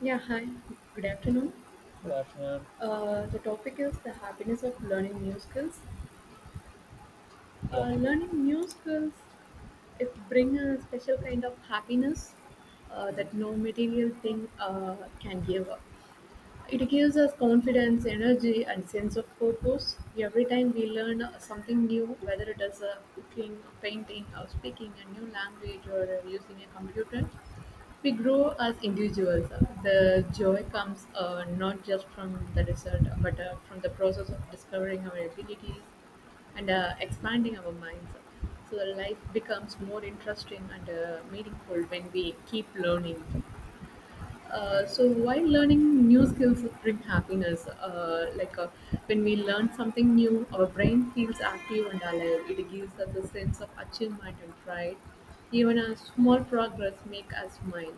Yeah, hi. Good afternoon. Good afternoon. The topic is the happiness of learning new skills. Yeah. Learning new skills it bring a special kind of happiness Mm. that no material thing can give up. It gives us confidence, energy, and sense of purpose. Every time we learn something new, whether it is cooking, painting, or speaking a new language, or using a computer, we grow as individuals. The joy comes not just from the result, but from the process of discovering our abilities and expanding our minds. So life becomes more interesting and meaningful when we keep learning. Mm. So while learning new skills bring happiness, when we learn something new, our brain feels active and alive. It gives us a sense of achievement and pride. Even a small progress make us smile.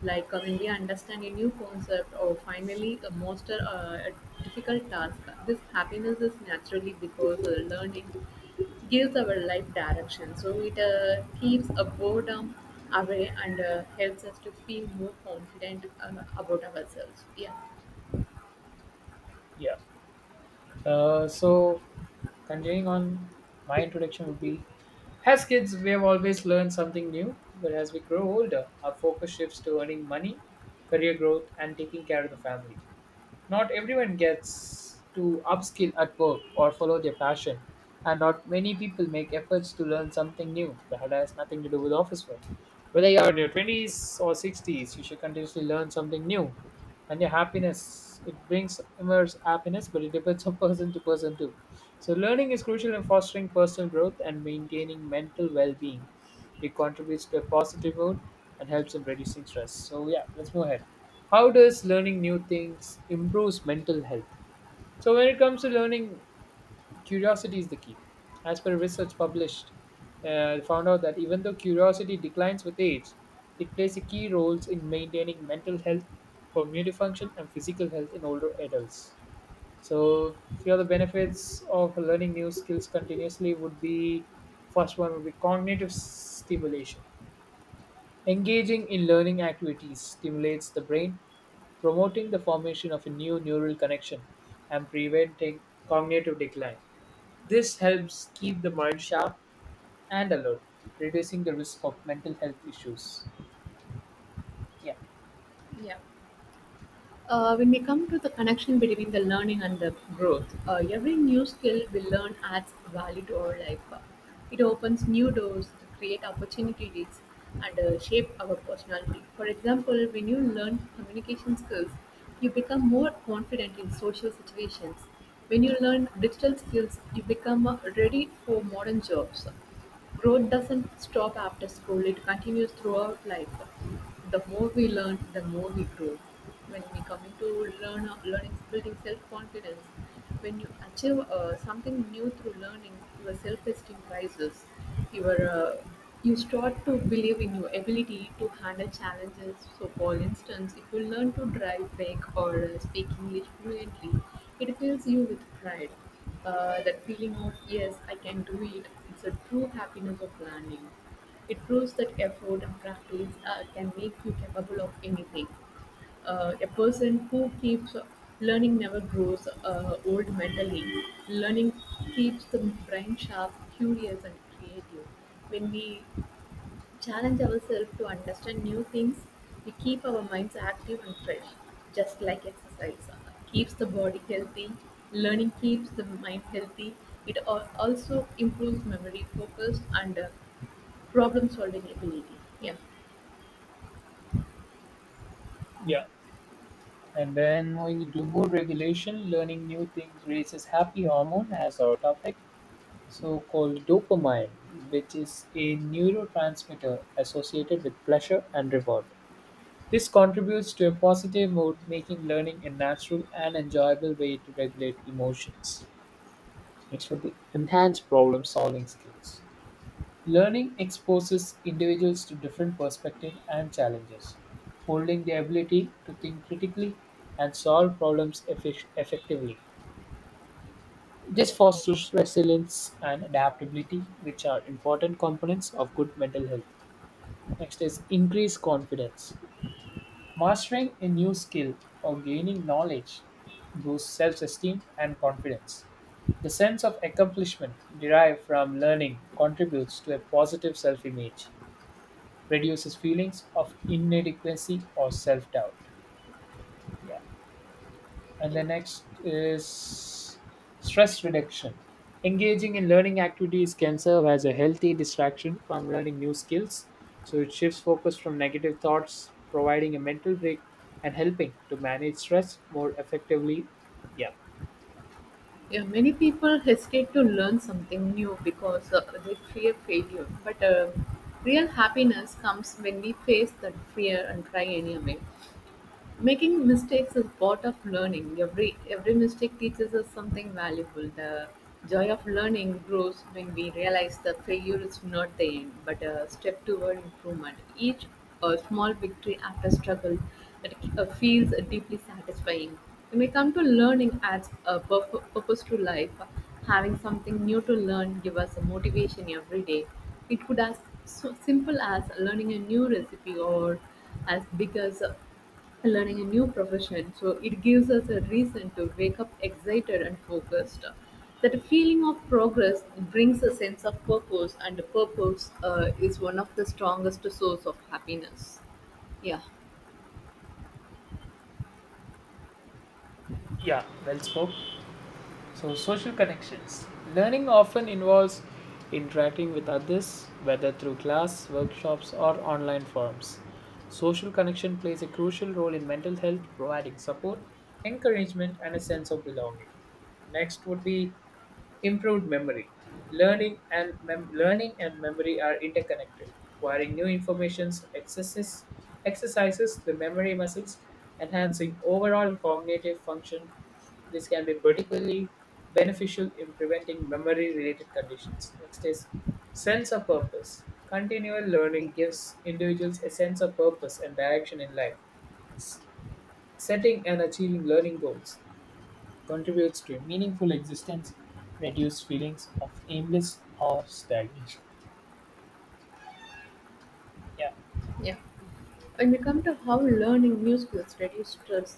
When we understand a new concept or finally master a difficult task, this happiness is naturally because learning gives our life direction. So it keeps a boredom away and helps us to feel more confident about ourselves. Yeah. Yeah. So, continuing on, my introduction would be, as kids, we have always learned something new, but as we grow older, our focus shifts to earning money, career growth, and taking care of the family. Not everyone gets to upskill at work or follow their passion, and not many people make efforts to learn something new that has nothing to do with office work. Whether you're in your 20s or 60s, you should continuously learn something new. And your happiness, it brings immense happiness, but it depends on person to person too. So, learning is crucial in fostering personal growth and maintaining mental well being. It contributes to a positive mood and helps in reducing stress. So yeah, let's move ahead. How does learning new things improves mental health? So when it comes to learning, curiosity is the key. As per research published, found out that even though curiosity declines with age, it plays a key roles in maintaining mental health, cognitive function, and physical health in older adults. So few of the benefits of learning new skills continuously would be, first one would be cognitive stimulation. Engaging in learning activities stimulates the brain, promoting the formation of a new neural connection and preventing cognitive decline. This helps keep the mind sharp and alert, reducing the risk of mental health issues. Yeah. Yeah. When we come to the connection between the learning and the growth, every new skill we learn adds value to our life. It opens new doors, create opportunities, and shape our personality. For example, when you learn communication skills, you become more confident in social situations. When you learn digital skills, you become ready for modern jobs. Growth doesn't stop after school, it continues throughout life. The more we learn, the more we grow. When we coming to learn, learning, building self-confidence, when you achieve something new through learning, your self-esteem rises. Your uh, you start to believe in your ability to handle challenges. So, for instance, if you learn to drive, bike, or speak English fluently, it fills you with pride. That feeling of, yes, I can do it, it's a true happiness of learning. It proves that effort and practice can make you capable of anything. A person who keeps learning never grows old mentally. Learning keeps the brain sharp, curious, and creative. When we challenge ourselves to understand new things, we keep our minds active and fresh, just like exercise keeps the body healthy. Learning keeps the mind healthy. It also improves memory, focus, and problem-solving ability. Yeah. Yeah. And then moving to mood regulation, learning new things releases happy hormone as our topic so called dopamine, which is a neurotransmitter associated with pleasure and reward. This contributes to a positive mood, making learning a natural and enjoyable way to regulate emotions. Next would be enhanced problem solving skills. Learning exposes individuals to different perspectives and challenges, holding the ability to think critically and solve problems effectively. This fosters resilience and adaptability, which are important components of good mental health. Next is increased confidence. Mastering a new skill or gaining knowledge boosts self esteem and confidence. The sense of accomplishment derived from learning contributes to a positive self image, reduces feelings of inadequacy or self doubt. Yeah. And you the know. next is stress reduction. Engaging in learning activities can serve as a healthy distraction from learning new skills. So it shifts focus from negative thoughts, providing a mental break and helping to manage stress more effectively. Yeah. Yeah, many people hesitate to learn something new because they fear failure. But real happiness comes when we face that fear and try anyway. Making mistakes is part of learning. Every mistake teaches us something valuable. The joy of learning grows when we realize that failure is not the end, but a step toward improvement. Each small victory after struggle that feels deeply satisfying. When we come to learning as a purpose to life, having something new to learn give us a motivation every day. It could as so simple as learning a new recipe or as big as learning a new profession, so it gives us a reason to wake up excited and focused. That feeling of progress brings a sense of purpose, and purpose is one of the strongest source of happiness. Yeah. Yeah, well spoke. So, social connections. Learning often involves interacting with others, whether through class, workshops, or online forums. Social connection plays a crucial role in mental health, providing support, encouragement, and a sense of belonging. Next would be improved memory. Learning and memory are interconnected. Acquiring new informations, accesses, exercises the memory muscles, enhancing overall cognitive function. This can be particularly beneficial in preventing memory-related conditions. Next is sense of purpose. Continual learning gives individuals a sense of purpose and direction in life. Setting and achieving learning goals contributes to a meaningful existence, reduce feelings of aimless or stagnation. Yeah. Yeah. When we come to how learning new skills reduce stress,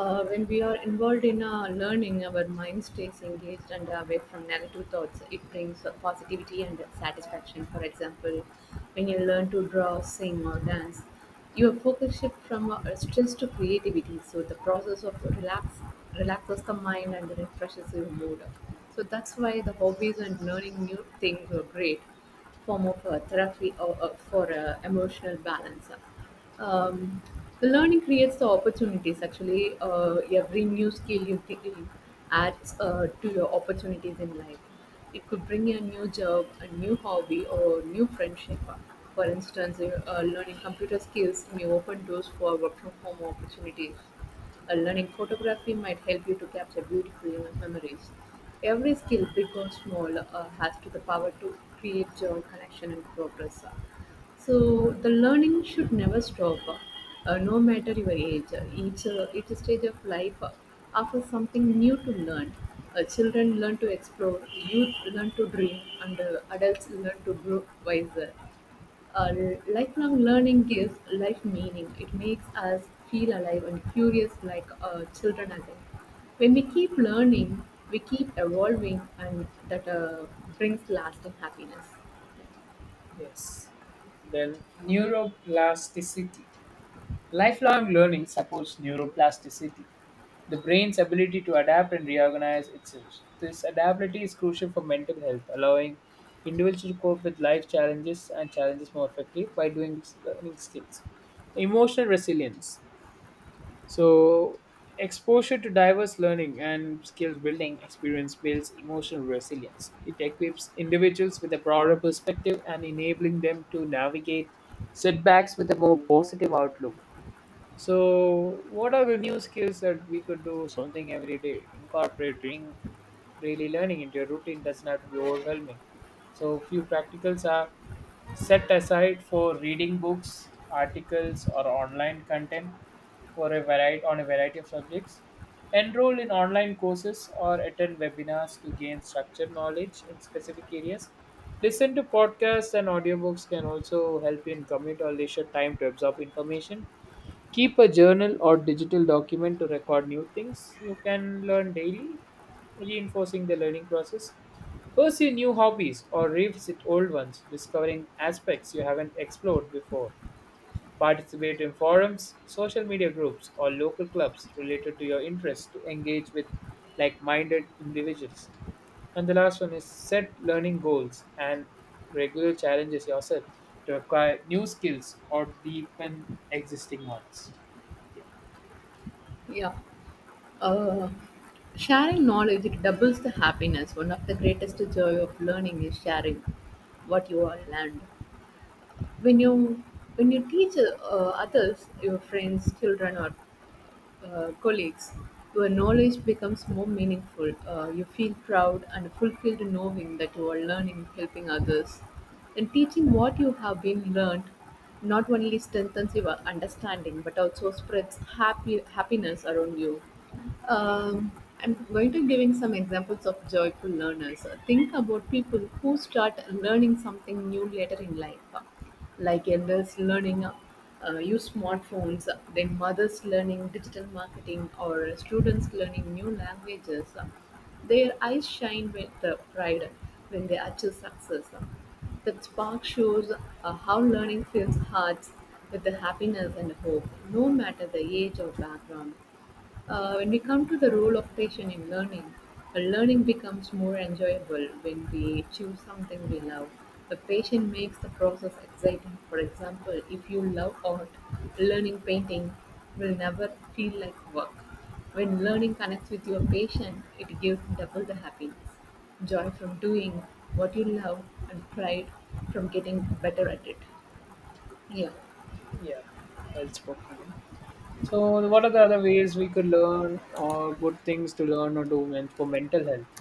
when we are involved in learning, our mind stays engaged and away from negative thoughts. It brings positivity and satisfaction. For example, when you learn to draw, sing, or dance, your focus shifts from stress to creativity. So the process of relaxes the mind and refreshes your mood. So that's why the hobbies and learning new things are great form of therapy or, for emotional balance. Um, the learning creates the opportunities. Actually, every new skill you take adds to your opportunities in life. It could bring you a new job, a new hobby, or new friendship. For instance, learning computer skills may open doors for work from home opportunities. Learning photography might help you to capture beautiful memories. Every skill, big or small, has to the power to create joy, connection, and progress. So the learning should never stop, no matter your age. Each stage of life offers something new to learn. Children learn to explore, youth learn to dream, and adults learn to grow wiser. Lifelong learning gives life meaning. It makes us feel alive and curious like children again. When we keep learning, we keep evolving, and that brings lasting happiness. Yes. Then neuroplasticity. Lifelong learning supports neuroplasticity, the brain's ability to adapt and reorganize itself. This adaptability is crucial for mental health, allowing individuals to cope with life challenges and challenges more effectively by doing learning skills. Emotional resilience. So, exposure to diverse learning and skill building experience builds emotional resilience. It equips individuals with a broader perspective and enabling them to navigate setbacks with a more positive outlook. So, what are the new skills that we could do something every day? Incorporating daily learning into your routine doesn't have to be overwhelming. So, few practicals are, set aside for reading books, articles, or online content for a variety on a variety of subjects. Enroll in online courses or attend webinars to gain structured knowledge in specific areas. Listen to podcasts and audiobooks can also help you in commute or leisure time to absorb information, keep a journal or digital document to record new things you can learn daily, reinforcing the learning process, pursue new hobbies or revisit old ones discovering aspects you haven't explored before, participate in forums, social media groups, or local clubs related to your interests to engage with like minded individuals. And the last one is set learning goals and regular challenges yourself to acquire new skills or deepen existing ones. Yeah, Yeah. Uh, sharing knowledge it doubles the happiness. One of the greatest joy of learning is sharing what you all learned. When you when you teach others, your friends, children, or colleagues, your knowledge becomes more meaningful. You feel proud and fulfilled knowing that you are learning, helping others. And teaching what you have been learned not only strengthens your understanding but also spreads happy happiness around you. Um, I'm going to giving some examples of joyful learners. Think about people who start learning something new later in life, like elders learning use smartphones, then mothers learning digital marketing, or students learning new languages. Their eyes shine with pride when they achieve success. That spark shows how learning fills hearts with the happiness and hope, no matter the age or background. When we come to the role of passion in learning, learning becomes more enjoyable when we choose something we love. The passion makes the process exciting. For example, if you love art, learning painting will never feel like work. When learning connects with your passion, it gives double the happiness, joy from doing what you love and pride from getting better at it. Yeah. yeah, well spoken. Yeah. So, what are the other ways we could learn or good things to learn or do for mental health?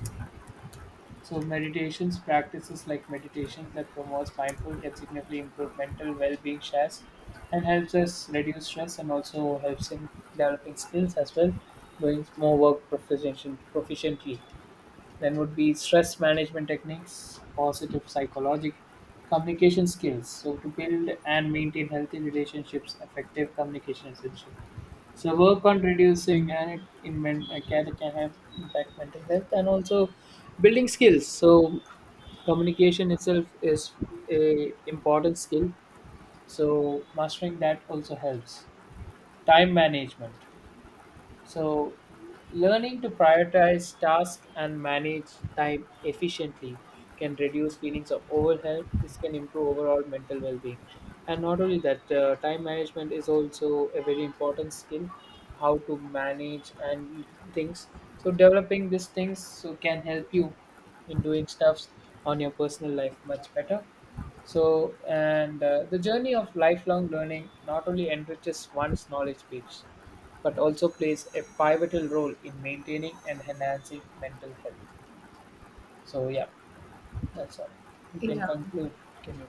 So meditations practices like meditations that promotes mindful can significantly improve mental well-being stress and helps us reduce stress and also helps in developing skills as well, doing more work proficiently. Then would be stress management techniques, positive psychology, communication skills. So to build and maintain healthy relationships, effective communication is essential. So work on reducing and it in men, can have impact mental health and also building skills. So communication itself is a important skill. So mastering that also helps. Time management. So, learning to prioritize tasks and manage time efficiently can reduce feelings of overwhelm. This can improve overall mental well being. And not only that, time management is also a very important skill, how to manage and things. So, developing these things so can help you in doing stuffs on your personal life much better. So, and the journey of lifelong learning not only enriches one's knowledge base but also plays a pivotal role in maintaining and enhancing mental health. So yeah, that's all. You can Yeah. conclude. Can you?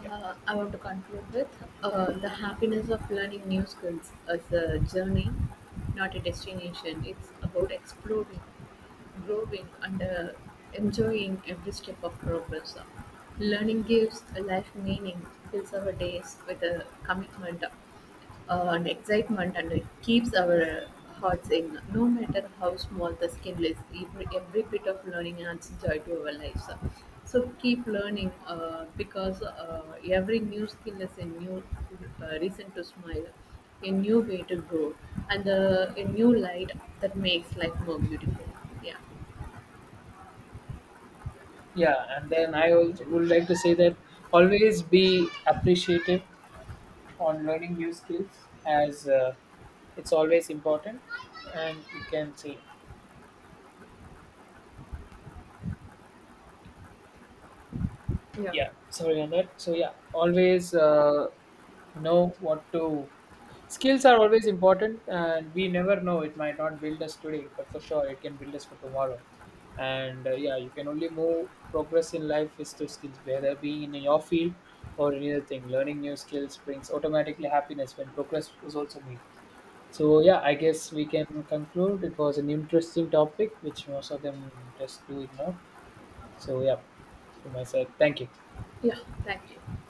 Yeah, I want to conclude with the happiness of learning new skills as a journey, not a destination. It's about exploring, growing, and enjoying every step of progress. Learning gives a life meaning, fills our days with a commitment, and excitement, and it keeps our hearts in, no matter how small the skill is. Every bit of learning adds joy to our lives. So keep learning, because every new skill is a new reason to smile, a new way to grow, and a new light that makes life more beautiful. Yeah. yeah. And then I also would like to say that always be appreciative on learning new skills, as it's always important, and you can say Yeah. yeah, sorry on that. So yeah, always know what to, skills are always important and we never know, it might not build us today but for sure it can build us for tomorrow. And yeah, you can only move progress in life is through skills, whether being in your field or any other thing. Learning new skills brings automatically happiness when progress was also made. So yeah, I guess we can conclude, it was an interesting topic which most of them just do ignore. So yeah, from my side, thank you. yeah thank you.